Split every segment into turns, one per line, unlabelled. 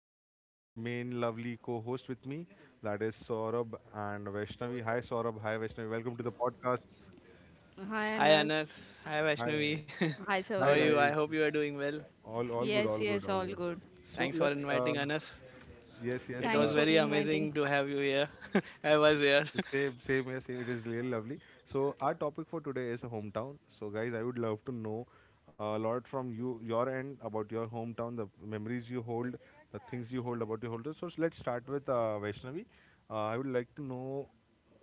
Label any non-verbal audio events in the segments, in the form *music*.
my main lovely co-hosts with me. That is Saurabh and Vaishnavi. Hi Saurabh, hi Vaishnavi. Welcome to the podcast.
Hi
Hi
Anas.
Anas. Hi
Hi.
Vaishnavi.
Hi
*laughs* How are
Hi
Saurav.
you? I
guys.
hope you are doing well.
All good,
Yes,
all
yes,
good, all
all
good.
good.
So
Thanks for inviting Anas.
yes,
It
yes,
was
Thanks for
uh,
very
inviting.
amazing to have you here. *laughs* I was here.
the same, yes, it is really lovely. So our topic for today is hometown. So guys, I would love to know a lot from you, your end about your hometown, the memories you hold, the things you hold about your hometown. So let's start with Vaishnavi. I would like to know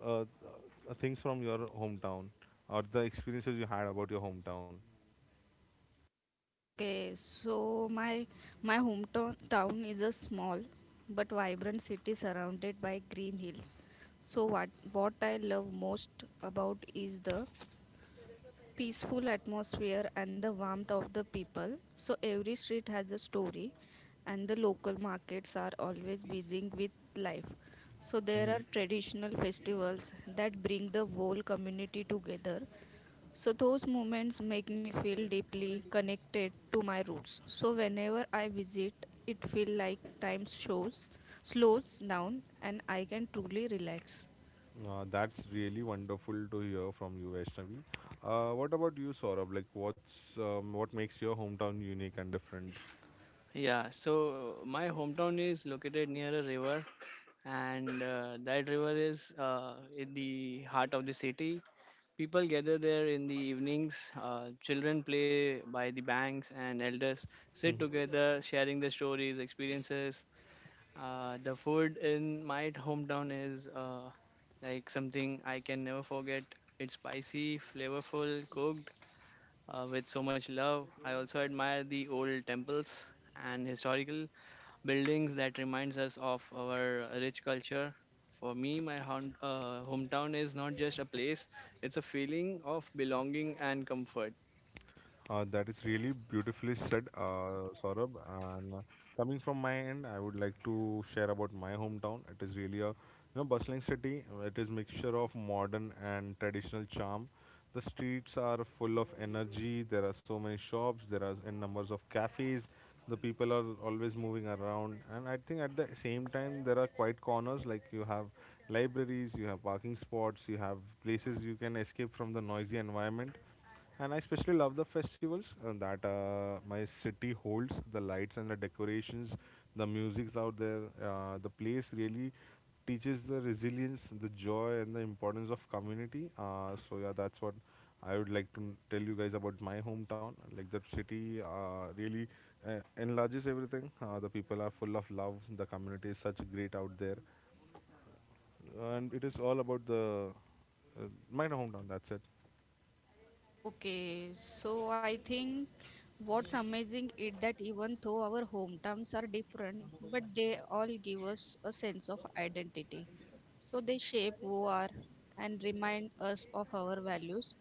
uh, uh, things from your hometown or the experiences you had about your hometown.
Okay, so my hometown town is a small but vibrant city surrounded by green hills. So what I love most about is the peaceful atmosphere and the warmth of the people. So every street has a story, and the local markets are always busy with life. So there are traditional festivals that bring the whole community together. So those moments make me feel deeply connected to my roots. So whenever I visit, it feels like time shows slows down and I can truly relax.
That's really wonderful to hear from you, Vaishnavi. What about you, Saurabh? Like, what makes your hometown unique and different?
*laughs* Yeah, so my hometown is located near a river, and that river is in the heart of the city. People gather there in the evenings. Children play by the banks, and elders sit together, sharing their stories, experiences. The food in my hometown is like something I can never forget. It's spicy, flavorful, cooked with so much love. I also admire the old temples and historical buildings that reminds us of our rich culture. For me, my hometown is not just a place; it's a feeling of belonging and comfort.
That is really beautifully said, Saurabh. And Coming from my end, I would like to share about my hometown. It is really a, you know, bustling city. It is mixture of modern and traditional charm. The streets are full of energy. There are so many shops. There are in numbers of cafes. The people are always moving around, and I think at the same time there are quiet corners. Like you have libraries, you have parking spots, you have places you can escape from the noisy environment. And I especially love the festivals that my city holds, the lights and the decorations, the music's out there. The place really teaches the resilience, the joy, and the importance of community. Yeah, that's what I would like to tell you guys about my hometown. Like, the city really enlarges everything. The people are full of love, the community is such great out there. And it is all about the uh, my hometown, that's it.
Okay, so I think what's amazing is that even though our hometowns are different, but they all give us a sense of identity. So they shape who are and remind us of our values.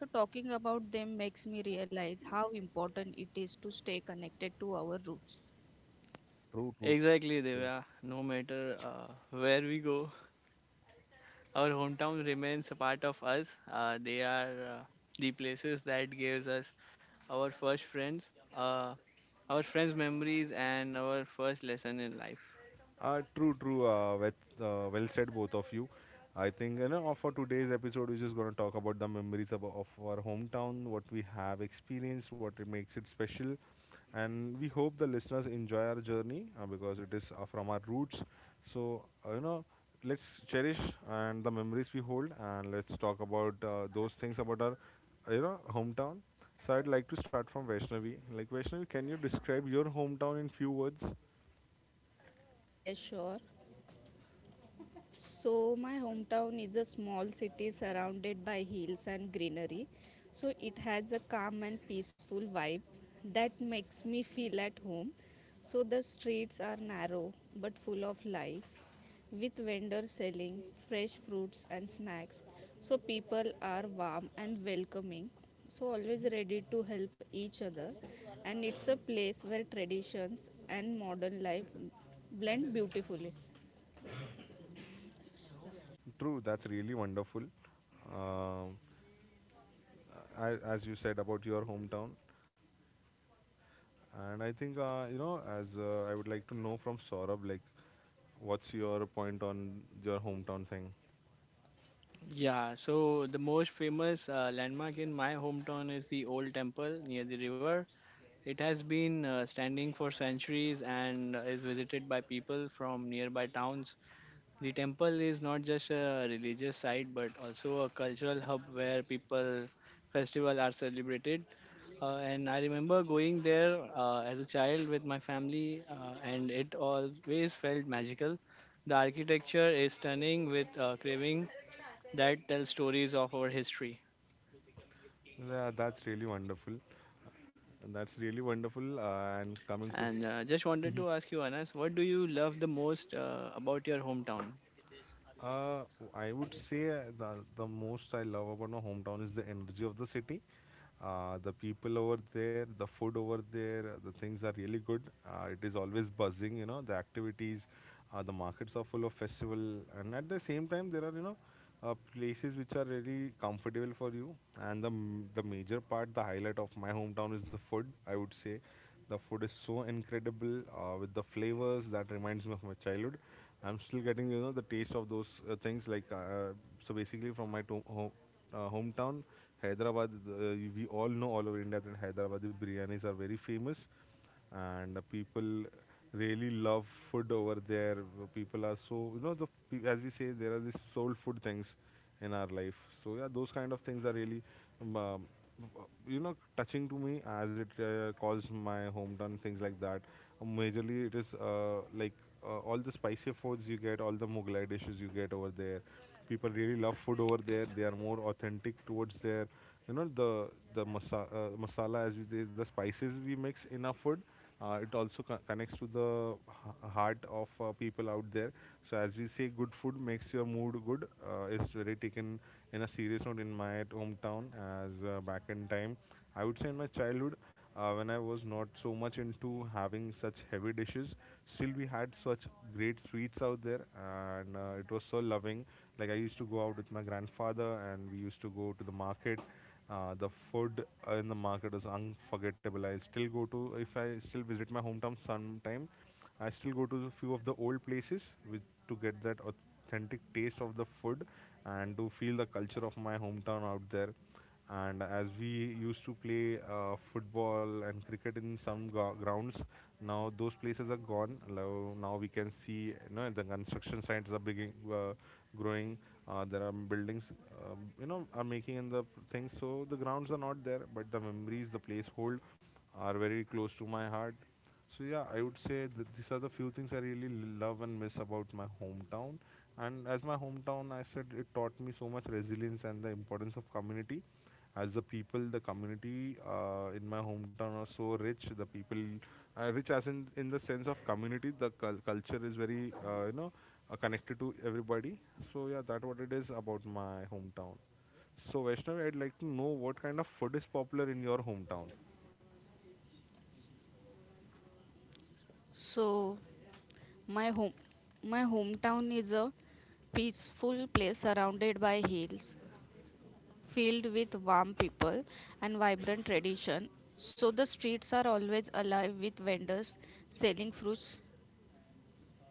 So talking about them makes me realize how important it is to stay connected to our roots.
True, true,
Exactly,
true.
Divya. No matter where we go, our hometown remains a part of us. They are the places that gives us our first friends, uh, our friends' memories, and our first lesson in life.
True, true. With, Well said, both of you. I think, you know, for today's episode, we're just gonna talk about the memories of our hometown, what we have experienced, what it makes it special, and we hope the listeners enjoy our journey because it is from our roots. So you know, let's cherish and the memories we hold, and let's talk about those things about our, you know, hometown. So I'd like to start from Vaishnavi. Like Vaishnavi, can you describe your hometown in few words?
Yes, sure. So, my hometown is a small city surrounded by hills and greenery. So, it has a calm and peaceful vibe that makes me feel at home. So, the streets are narrow but full of life with vendors selling fresh fruits and snacks. So, people are warm and welcoming. So, always ready to help each other. And it's a place where traditions and modern life blend beautifully.
True, that's really wonderful. Um, as you said about your hometown, and I think, you know, as I would like to know from Saurabh, like, what's your point on your hometown thing?
Yeah, so the most famous landmark in my hometown is the old temple near the river. It has been standing for centuries and is visited by people from nearby towns. The temple is not just a religious site but also a cultural hub where people festival are celebrated. And I remember going there as a child with my family, and it always felt magical. The architecture is stunning with carving that tells stories of our history.
Yeah, that's really wonderful. That's really wonderful. And coming to
And just wanted to ask you, Anas, what do you love the most about your hometown?
Uh, I would say the most I love about my hometown is the energy of the city. The people over there, the food over there, the things are really good. It is always buzzing, you know. The activities, the markets are full of festival, and at the same time there are, you know, places which are really comfortable for you. The major part, the highlight of my hometown is the food. I would say, the food is so incredible with the flavors that reminds me of my childhood. I'm still getting, you know, the taste of those things like, so basically from my hometown Hyderabad. We all know, all over India, that Hyderabadi biryanis are very famous, and people really love food over there. People are so, you know, the as we say, there are these soul food things in our life. So yeah, those kind of things are really, um, um, you know, touching to me, as it calls my hometown things like that. Majorly, it is like all the spicier foods you get, all the Mughlai dishes you get over there. People really love food over there. They are more authentic towards their, you know, the masala, as we say, the spices we mix in our food. Connects to the heart of people out there. So, as we say, good food makes your mood good, is really taken in a serious note in my hometown. As back in time, I would say, in my childhood, when I was not so much into having such heavy dishes, still we had such great sweets out there, and it was so loving. Like, I used to go out with my grandfather and we used to go to the market. The food in the market is unforgettable. I still go to, if I still visit my hometown sometime. I still go to a few of the old places with to get that authentic taste of the food and to feel the culture of my hometown out there. And as we used to play football and cricket in some grounds, now those places are gone. Now we can see, you know, the construction sites are beginning, growing. There are buildings, you know, are making in the things. So the grounds are not there, but the memories the place hold are very close to my heart. So yeah, I would say that these are the few things I really love and miss about my hometown. And as my hometown, I said, it taught me so much resilience and the importance of community. As the people, the community in my hometown are so rich. The people, rich as in the sense of community, the culture is very, you know, connected to everybody. So yeah, that what it is about my hometown. So Vaishnavi, I'd like to know what kind of food is popular in your hometown.
So, My home, my hometown is a peaceful place surrounded by hills, filled with warm people and vibrant tradition. So the streets are always alive with vendors selling fruits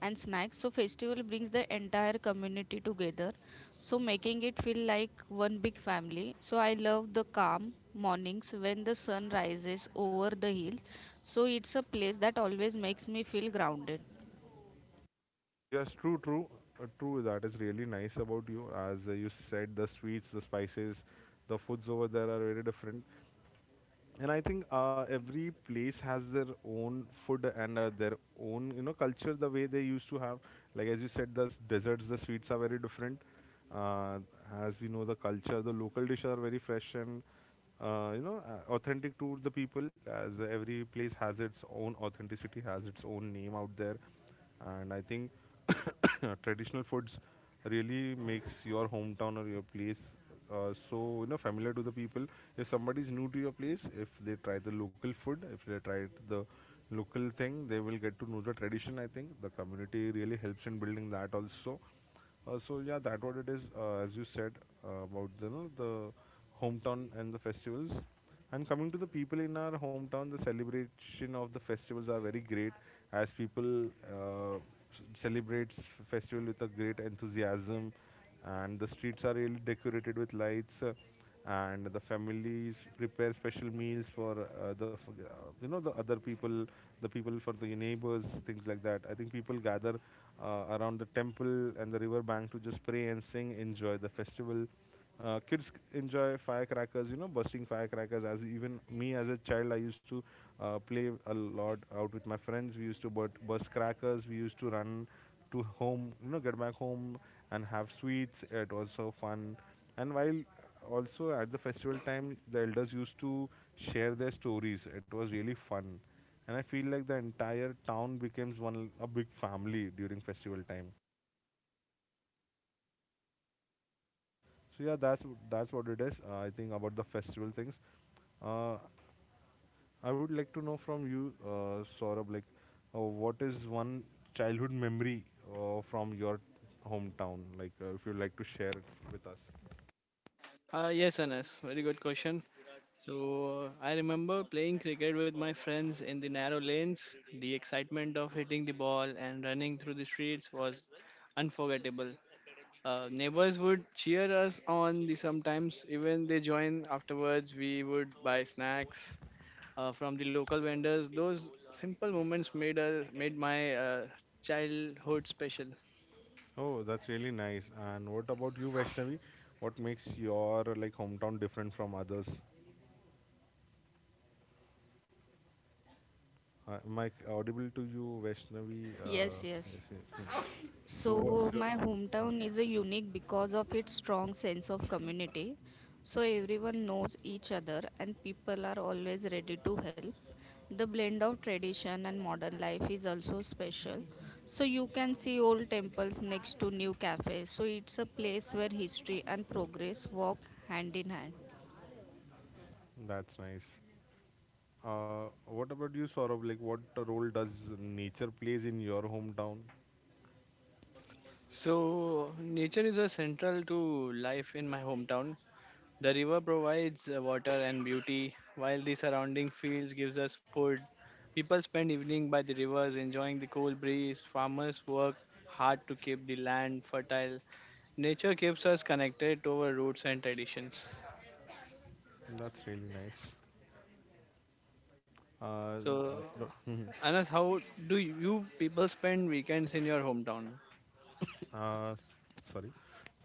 and snacks. So festival brings the entire community together, so making it feel like one big family. So I love the calm mornings when the sun rises over the hills. So it's a place that always makes me feel grounded.
Yes, true, true, true. That is really nice about you. As you said, the sweets, the spices, the foods over there are very different. And I think every place has their own food and their own, you know, culture, the way they used to have. Like as you said, the desserts, the sweets are very different. uh, as we know, the culture, the local dishes are very fresh and, you know, authentic to the people, as every place has its own authenticity, has its own name out there. And I think *coughs* traditional foods really makes your hometown or your place, so you know, familiar to the people. If somebody is new to your place, if they try the local food, if they try the local thing, they will get to know the tradition. I think the community really helps in building that also. So yeah, that what it is, as you said, about the, you know, the hometown and the festivals. And coming to the people in our hometown, the celebration of the festivals are very great, as people celebrates festival with a great enthusiasm, and the streets are really decorated with lights, and the families prepare special meals for you know, the other people, the people for the neighbors, things like that. I think people gather around the temple and the river bank to just pray and sing, enjoy the festival. Kids enjoy firecrackers, you know, busting firecrackers. As even me as a child, I used to play a lot out with my friends. We used to burst crackers. We used to run to home, you know, get back home and have sweets. It was so fun. And while also at the festival time, the elders used to share their stories. It was really fun. And I feel like the entire town becomes one a big family during festival time. So yeah, that's that's what it is. I think about the festival things. Uh, I would like to know from you, Saurabh, like, what is one childhood memory from your hometown? Like, if you'd like to share it with us.
Yes, Anas, very good question. So I remember playing cricket with my friends in the narrow lanes. The excitement of hitting the ball and running through the streets was unforgettable. Neighbors would cheer us on, the sometimes even they join. Afterwards we would buy snacks from the local vendors. Those simple moments made my childhood special.
Oh, that's really nice. And what about you, Vaishnavi? What makes your, like, hometown different from others? Am I audible to you, Vaishnavi?
Yes,
Uh,
yes.
yes, yes, yes. So what's
So,
your?
my hometown is a unique because of its strong sense of community. So, everyone knows each other and people are always ready to help. The blend of tradition and modern life is also special. So, you can see old temples next to new cafes. So, it's a place where history and progress walk hand in hand.
That's nice. What about you, Saurabh? Like, what role does nature plays in your hometown?
So nature is a central to life in my hometown. The river provides water and beauty, while the surrounding fields gives us food. People spend evening by the rivers enjoying the cool breeze. Farmers work hard to keep the land fertile. Nature keeps us connected to our roots and traditions.
That's really nice. Uh,
So,
Wow.
Anas, how do you people spend weekends in your hometown?
*coughs* Uh, s- Sorry.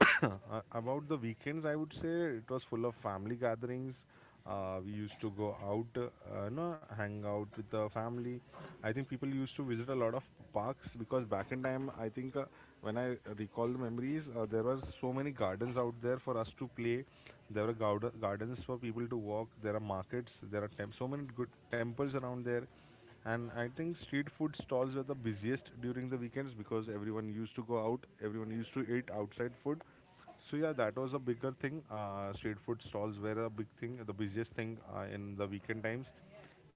*coughs* About the weekends, I would say it was full of family gatherings. We used to go out, hang out with the family. I think people used to visit a lot of parks because back in time, I think when I recall the memories, there were so many gardens out there for us to play. There were gardens for people to walk. There are markets. There are so many good temples around there, and I think street food stalls were the busiest during the weekends because everyone used to go out, everyone used to eat outside food. So yeah, that was a bigger thing. Street food stalls were a big thing, the busiest thing in the weekend times.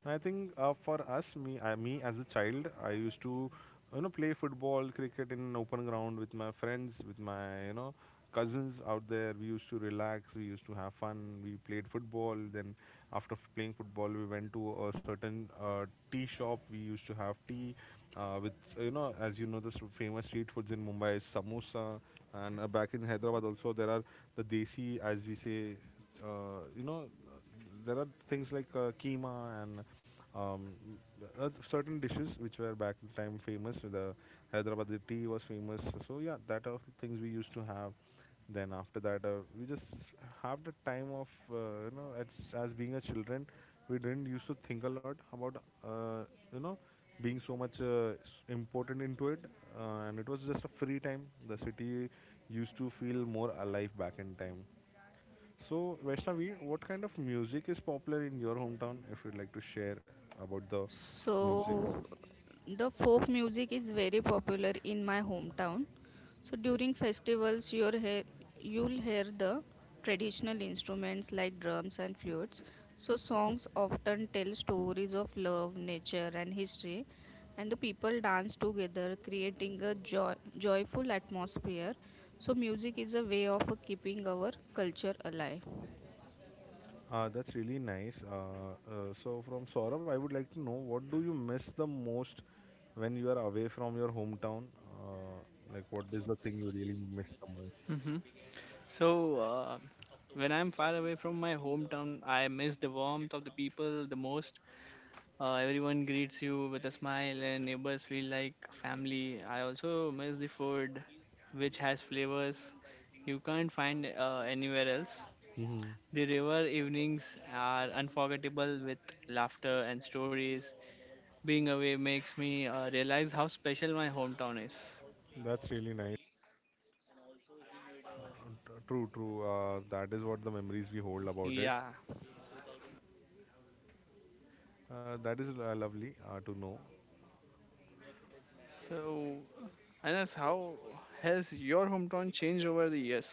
And I think for me as a child, I used to, play football, cricket in an open ground with my friends, with my, cousins out there. We used to relax, we used to have fun, we played football. Then, after playing football, we went to a certain tea shop. We used to have tea with, you know, as you know, the famous street foods in Mumbai is samosa. And back in Hyderabad, also, there are the desi, as we say, uh, you know, there are things like keema and um, certain dishes which were back in time famous. The Hyderabadi tea was famous. So yeah, that are things we used to have. Then after that, we just have the time of you know, as being a children, we didn't used to think a lot about uh, you know being so much important into it, and it was just a free time. The city used to feel more alive back in time. So, Vaishnavi, what kind of music is popular in your hometown? If you'd like to share about the music,
So, the folk music is very popular in my hometown. So, during festivals, you'll hear the traditional instruments like drums and flutes. So, songs often tell stories of love, nature, and history. And the people dance together, creating a joyful atmosphere. So, music is a way of keeping our culture alive.
that's really nice. From Saurabh, I would like to know, what do you miss the most when you are away from your hometown? Uh, like, what is the thing you really miss the most?
hmm So, when I'm far away from my hometown, I miss the warmth of the people the most. Everyone greets you with a smile, and neighbors feel like family. I also miss the food, which has flavors you can't find anywhere else.
hmm
The river evenings are unforgettable with laughter and stories. Being away makes me realize how special my hometown is.
That's really nice. True, true. That is what the memories we hold about it.
Yeah.
That is lovely to know.
So, Anas, how has your hometown changed over the years?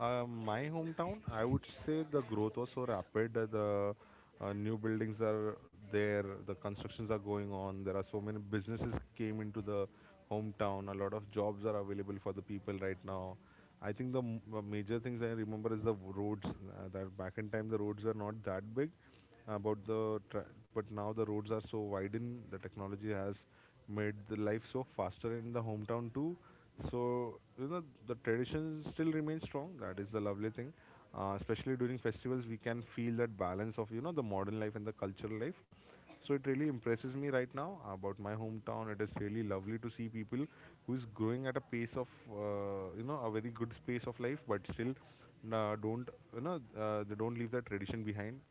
My hometown, I would say, the growth was so rapid. The new buildings are there, the constructions are going on. There are so many businesses came into the hometown. A lot of jobs are available for the people right now. I think the major things I remember is the roads. That back in time, the roads were not that big, about the but now the roads are so widened, the technology has made the life so faster in the hometown too. So you know, the tradition still remains strong, that is the lovely thing. Especially during festivals, we can feel that balance of, you know, the modern life and the cultural life. So it really impresses me right now about my hometown. It is really lovely to see people who is growing at a pace of, a very good pace of life, but still don't, you know, they don't leave their tradition behind.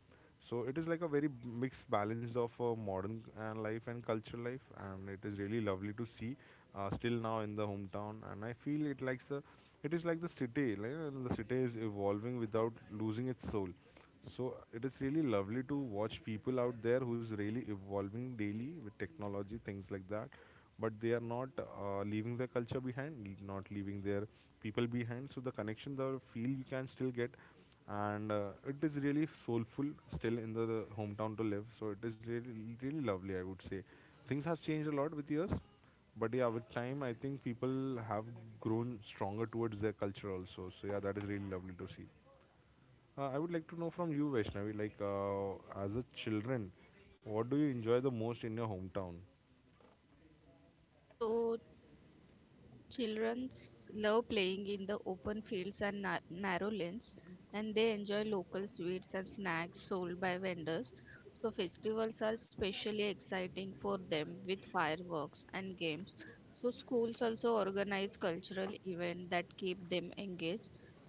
So it is like a very mixed balance of modern life and cultural life, and it is really lovely to see still now in the hometown. And I feel it likes it is like the city is evolving without losing its soul. So it is really lovely to watch people out there who's really evolving daily with technology, things like that. But they are not leaving their culture behind, not leaving their people behind. So the connection, the feel you can still get, and it is really soulful still in the hometown to live. So it is really, really lovely, I would say. Things have changed a lot with years, but yeah, with time, I think people have grown stronger towards their culture also. So yeah, that is really lovely to see. I would like to know from you, Vaishnavi, like, as a children, what do you enjoy the most in your hometown?
So, Childrens love playing in the open fields and narrow lanes, and they enjoy local sweets and snacks sold by vendors. So, festivals are especially exciting for them with fireworks and games. So, schools also organize cultural events that keep them engaged.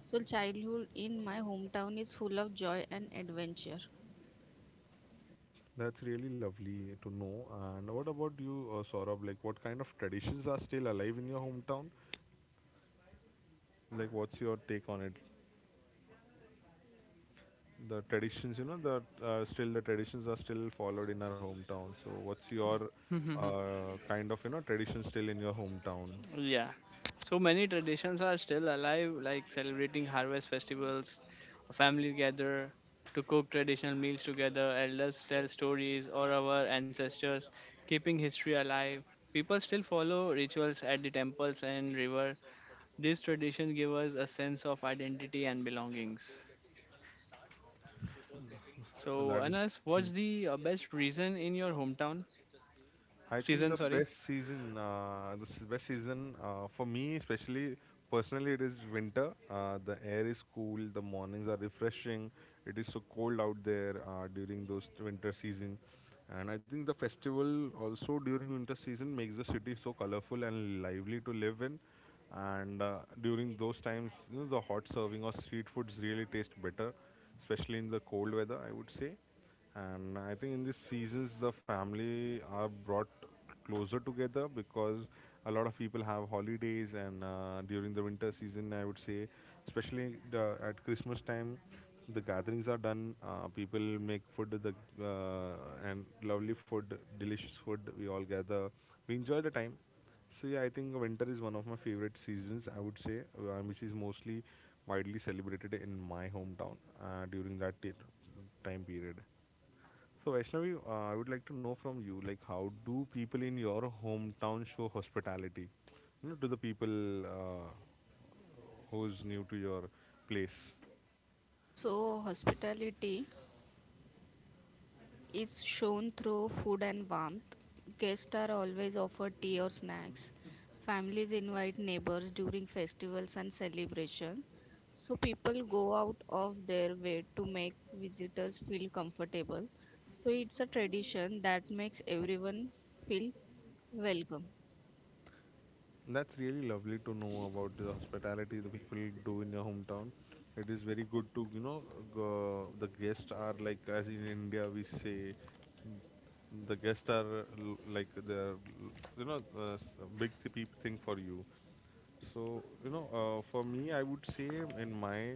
So, childhood in my hometown is full of joy and adventure.
That's really lovely to know. And what about you, Saurabh? Like, what kind of traditions are still alive in your hometown? Like, what's your take on it? The traditions, you know, that still the traditions are still followed in our hometown. So what's your
*laughs*
kind of, you know, tradition still in your hometown?
Yeah. So many traditions are still alive, like celebrating harvest festivals, family gather to cook traditional meals together, elders tell stories or our ancestors, keeping history alive. People still follow rituals at the temples and river. These traditions give us a sense of identity and belongings.
*laughs*
So,
that is
Anas,
hmm.
what's the best reason in your hometown?
I think
Season,
the
sorry.
best season, best season for me, especially personally, it is winter. The air is cool, the mornings are refreshing. It is so cold out there during those winter season, and I think the festival also during winter season makes the city so colorful and lively to live in. And during those times, you know, the hot serving or street foods really taste better, especially in the cold weather, I would say. And I think in these seasons the family are brought closer together because a lot of people have holidays, and during the winter season, I would say, especially at Christmas time, the gatherings are done. People make food, the uh, and lovely food, delicious food. We all gather, we enjoy the time. So yeah, I think winter is one of my favorite seasons, I would say, which is mostly widely celebrated in my hometown during that time period. So Vaishnavi, I would like to know from you, like, how do people in your hometown show hospitality, you know, to the people who's new to your place?
So, hospitality is shown through food and warmth. Guests are always offered tea or snacks. Families invite neighbors during festivals and celebrations. So people go out of their way to make visitors feel comfortable. So it's a tradition that makes everyone feel welcome.
That's really lovely to know about the hospitality the people do in your hometown. It is very good to, you know, go, the guests are like, as in India we say, mm, the guests are like the, you know a big thing for you. So, you know, for me, I would say in my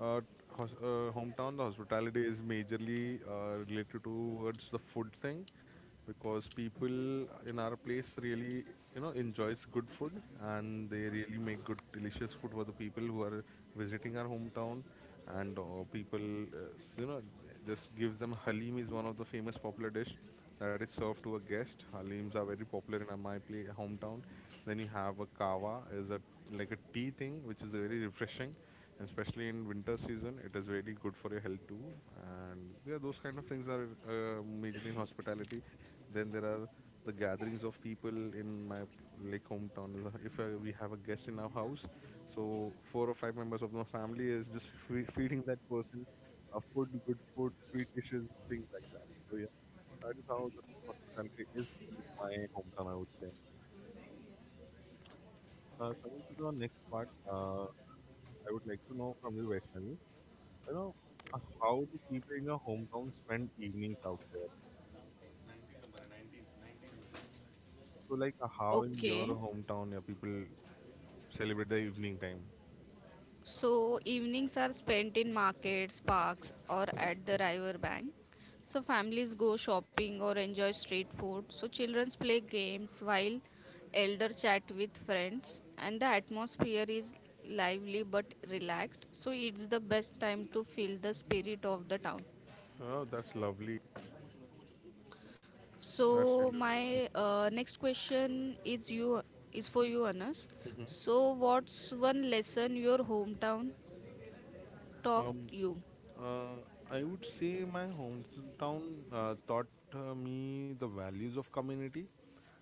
uh, hos hometown, the hospitality is majorly related towards the food thing, because people in our place really, you know, enjoys good food, and they really make good, delicious food for the people who are visiting our hometown. And people you know just gives them halim is one of the famous popular dish that is served to a guest. Halims are very popular in my play hometown. Then you have a kava is a like a tea thing which is very refreshing, and especially in winter season it is really good for your health too. And yeah, those kind of things are majorly in hospitality. Then there are the gatherings of people in my like hometown. If we have a guest in our house, so four or five members of my family is just feeding that person food, good food, sweet dishes, things like that. So yeah, that is how the hospitality is in my hometown, I would say. Coming to the next part, I would like to know from you, Vaishnavi, you know, how do people in your hometown spend evenings out there? So like, how in your
Okay.
hometown people celebrate the evening time?
So evenings are spent in markets, parks, or at the river bank. So families go shopping or enjoy street food. So children play games while elder chat with friends and the atmosphere is lively but relaxed. So it's the best time to feel the spirit of the town.
Oh, that's lovely. That's
So
really lovely.
my next question is you is for you Anas. So what's one lesson your hometown taught
Um,
you?
uh, I would say my hometown taught me the values of community.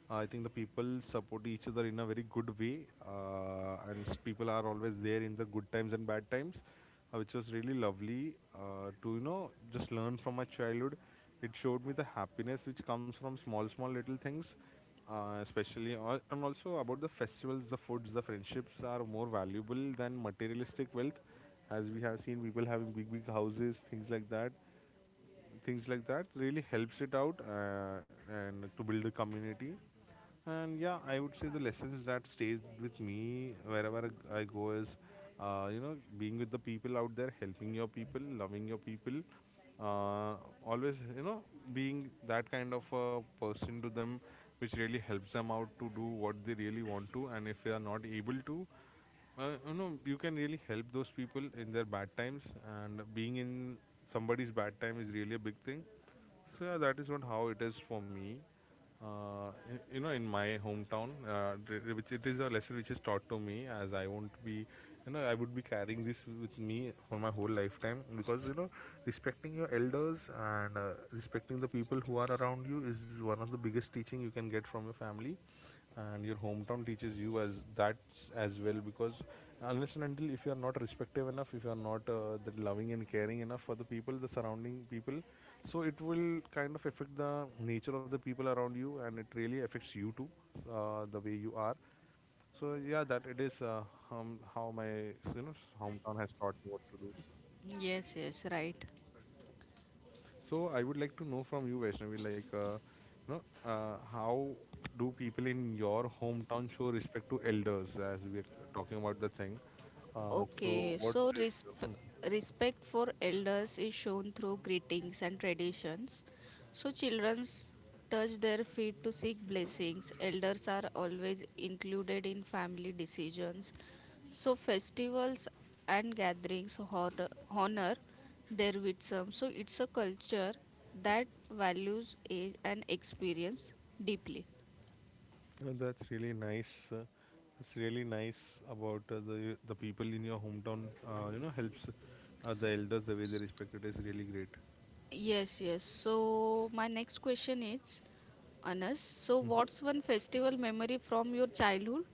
I think the people support each other in a very good way, people are always there in the good times and bad times, which was really lovely to, you know, just learn from my childhood. It showed me the happiness which comes from small, small little things, and also about the festivals, the foods, the friendships are more valuable than materialistic wealth, as we have seen people having big big houses, things like that. Things like that really helps it out, and to build a community. And yeah, I would say the lessons that stays with me wherever I go is you know, being with the people out there, helping your people, loving your people, uh, always, you know, being that kind of a person to them, which really helps them out to do what they really want to. And if they are not able to, you know, you can really help those people in their bad times, and being in somebody's bad time is really a big thing. So yeah, that is not how it is for me. In my hometown, which it is a lesson which is taught to me, as I won't be, I would be carrying this with me for my whole lifetime because respecting your elders and respecting the people who are around you is one of the biggest teaching you can get from your family and your hometown teaches you as that as well because unless and until if you are not respective enough, if you are not that loving and caring enough for the people, the surrounding people, so it will kind of affect the nature of the people around you, and it really affects you too, the way you are. So yeah, that it is how my hometown has taught me what to do.
Yes, yes, right.
So I would like to know from you, Vaishnavi, like, you know, how do people in your hometown show respect to elders, as we're talking about the thing? So
Okay,
what
so
is, *laughs* Mhm.
respect for elders is shown through greetings and traditions. So children touch their feet to seek blessings. Elders are always included in family decisions. So festivals and gatherings honor their wisdom. So it's a culture that values age and experience deeply.
You know, that's really nice. It's really nice about the people in your hometown. Helps the elders, the way they respect it is really great.
Yes, yes. So my next question is, Anas, so what's one festival memory from your childhood?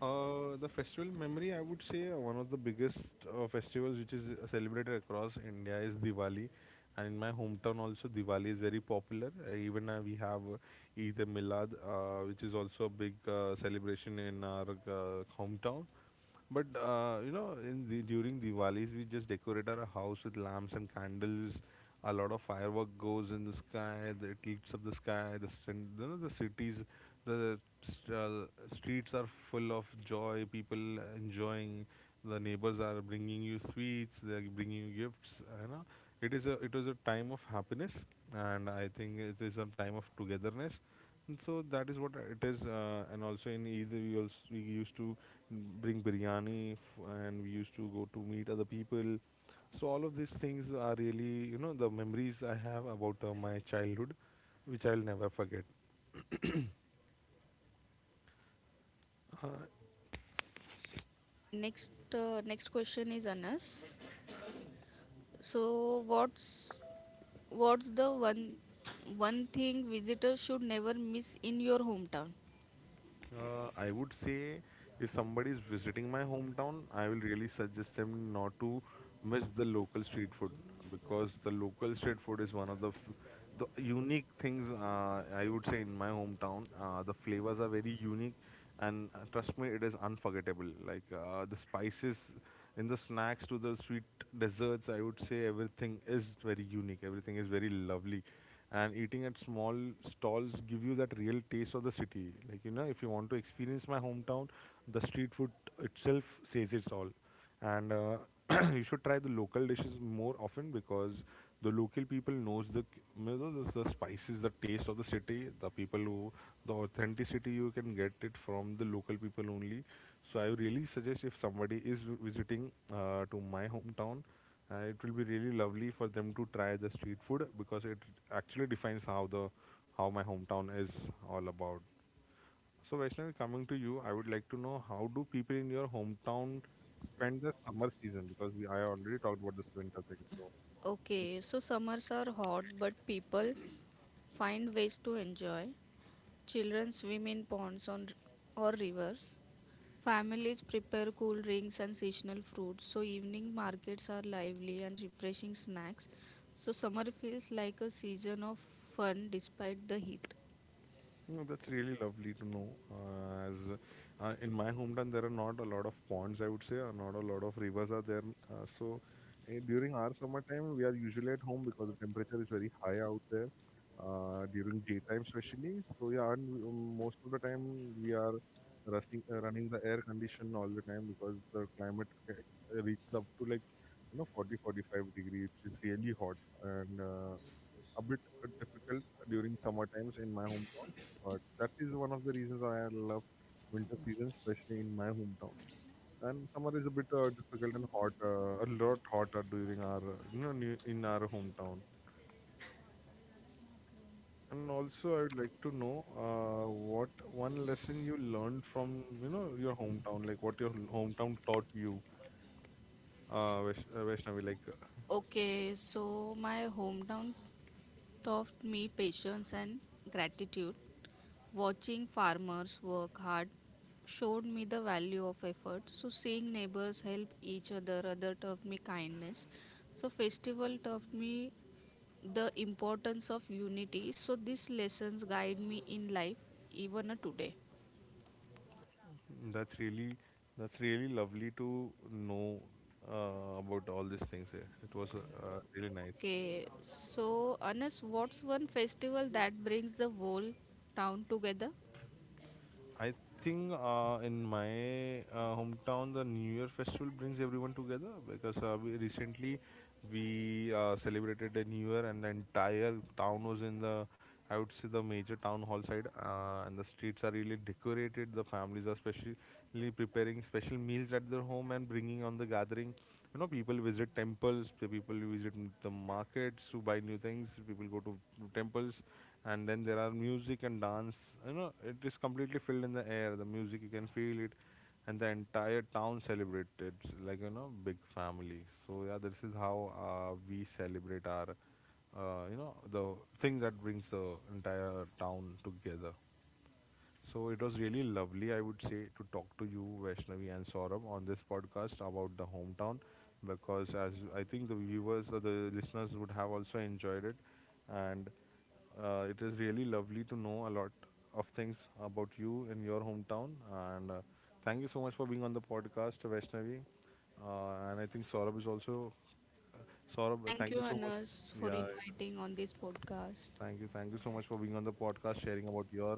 The festival memory, I would say, one of the biggest festivals which is celebrated across India is Diwali. And in my hometown also, Diwali is very popular. Even We have Eid Milad, which is also a big celebration in our hometown. In the, during Diwalis, we just decorate our house with lamps and candles. A lot of firework goes in the sky. It lights up the sky. The cin- you know, The cities, the st- uh, streets are full of joy, people enjoying. The neighbors are bringing you sweets. They are bringing you gifts. You know, it was a time of happiness, and I think it is a time of togetherness. And so that is what it is. And also in Eid, we used to bring biryani, and we used to go to meet other people. So all of these things are really, the memories I have about my childhood, which I'll never forget.
My next question is Anas. So what's the one thing visitors should never miss in your hometown?
I would say if somebody is visiting my hometown, I will really suggest them not to miss the local street food, because the local street food is one of the unique things, I would say, in my hometown. The flavors are very unique, and trust me, it is unforgettable. Like the spices in the snacks to the sweet desserts, I would say everything is very unique. Everything is very lovely, and eating at small stalls give you that real taste of the city. Like you know, if you want to experience my hometown, the street food itself says it's all. And *clears throat* You should try the local dishes more often because the local people knows the c- you know, the spices, the taste of the city, the people who, the authenticity you can get it from the local people only. So I really suggest, if somebody is visiting to my hometown, it will be really lovely for them to try the street food, because it actually defines how the, how my hometown is all about. So Vaishnavi, coming to you, I would like to know how do people in your hometown spend the summer season, because we I already talked about this winter thing. So.
Okay, so summers are hot, but people find ways to enjoy. Children swim in ponds on or rivers. Families prepare cool drinks and seasonal fruits, so evening markets are lively and refreshing snacks. So summer feels like a season of fun despite the heat.
No, that's really lovely to know. As In my hometown, there are not a lot of ponds, I would say, or not a lot of rivers are there. Uh, so During our summertime, we are usually at home because the temperature is very high out there during daytime, especially. So yeah, and most of the time we are rushing, running the air condition all the time because the climate reaches up to, like, you know, 40, 45 degrees, which is really hot, and a bit difficult during summer times in my hometown. But that is one of the reasons why I love winter season, especially in my hometown. And summer is a bit difficult and hot, a lot hotter during our, in our hometown. And also, I would like to know what one lesson you learned from, your hometown, like what your hometown taught you, Vaishnavi, like.
Okay, so my hometown taught me patience and gratitude. Watching farmers work hard showed me the value of effort. So seeing neighbors help each other taught me kindness. So festival taught me the importance of unity. So these lessons guide me in life even today.
That's really, that's really lovely to know about all these things here. It was really nice.
Okay, so Anas, what's one festival that brings the whole town together?
I think in my hometown, the New Year festival brings everyone together, because we recently we celebrated the New Year and the entire town was in the, I would say, the major town hall side, and the streets are really decorated. The families are specially preparing special meals at their home and bringing on the gathering. You know, people visit temples, the people visit the markets to buy new things, people go to temples, and then there are music and dance. You know, it is completely filled in the air, the music you can feel it, and the entire town celebrates, it's like, you know, big family. So yeah, this is how we celebrate our, the thing that brings the entire town together. So it was really lovely, I would say, to talk to you, Vaishnavi and Saurabh, on this podcast about the hometown, because as I think the viewers or the listeners would have also enjoyed it, and it is really lovely to know a lot of things about you and your hometown. And thank you so much for being on the podcast, Vaishnavi. And I think Saurabh is also Saurabh,
Thank
thank you
you,
so much.
Anas, for
Yeah,
inviting on this podcast.
thank you. Thank you so much for being on the podcast, sharing about your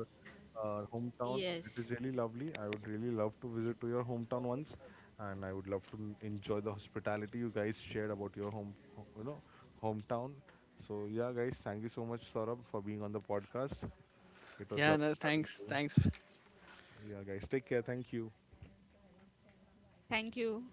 hometown. It
Yes,
is really lovely. I would really love to visit to your hometown once, and I would love to enjoy the hospitality you guys shared about your home, hometown. So yeah, guys, thank you so much, Saurabh, for being on the podcast. It was
Yeah,
lovely
Anas,
having
thanks.
you.
Thanks
Yeah, guys, take care. Thank you.
thank you.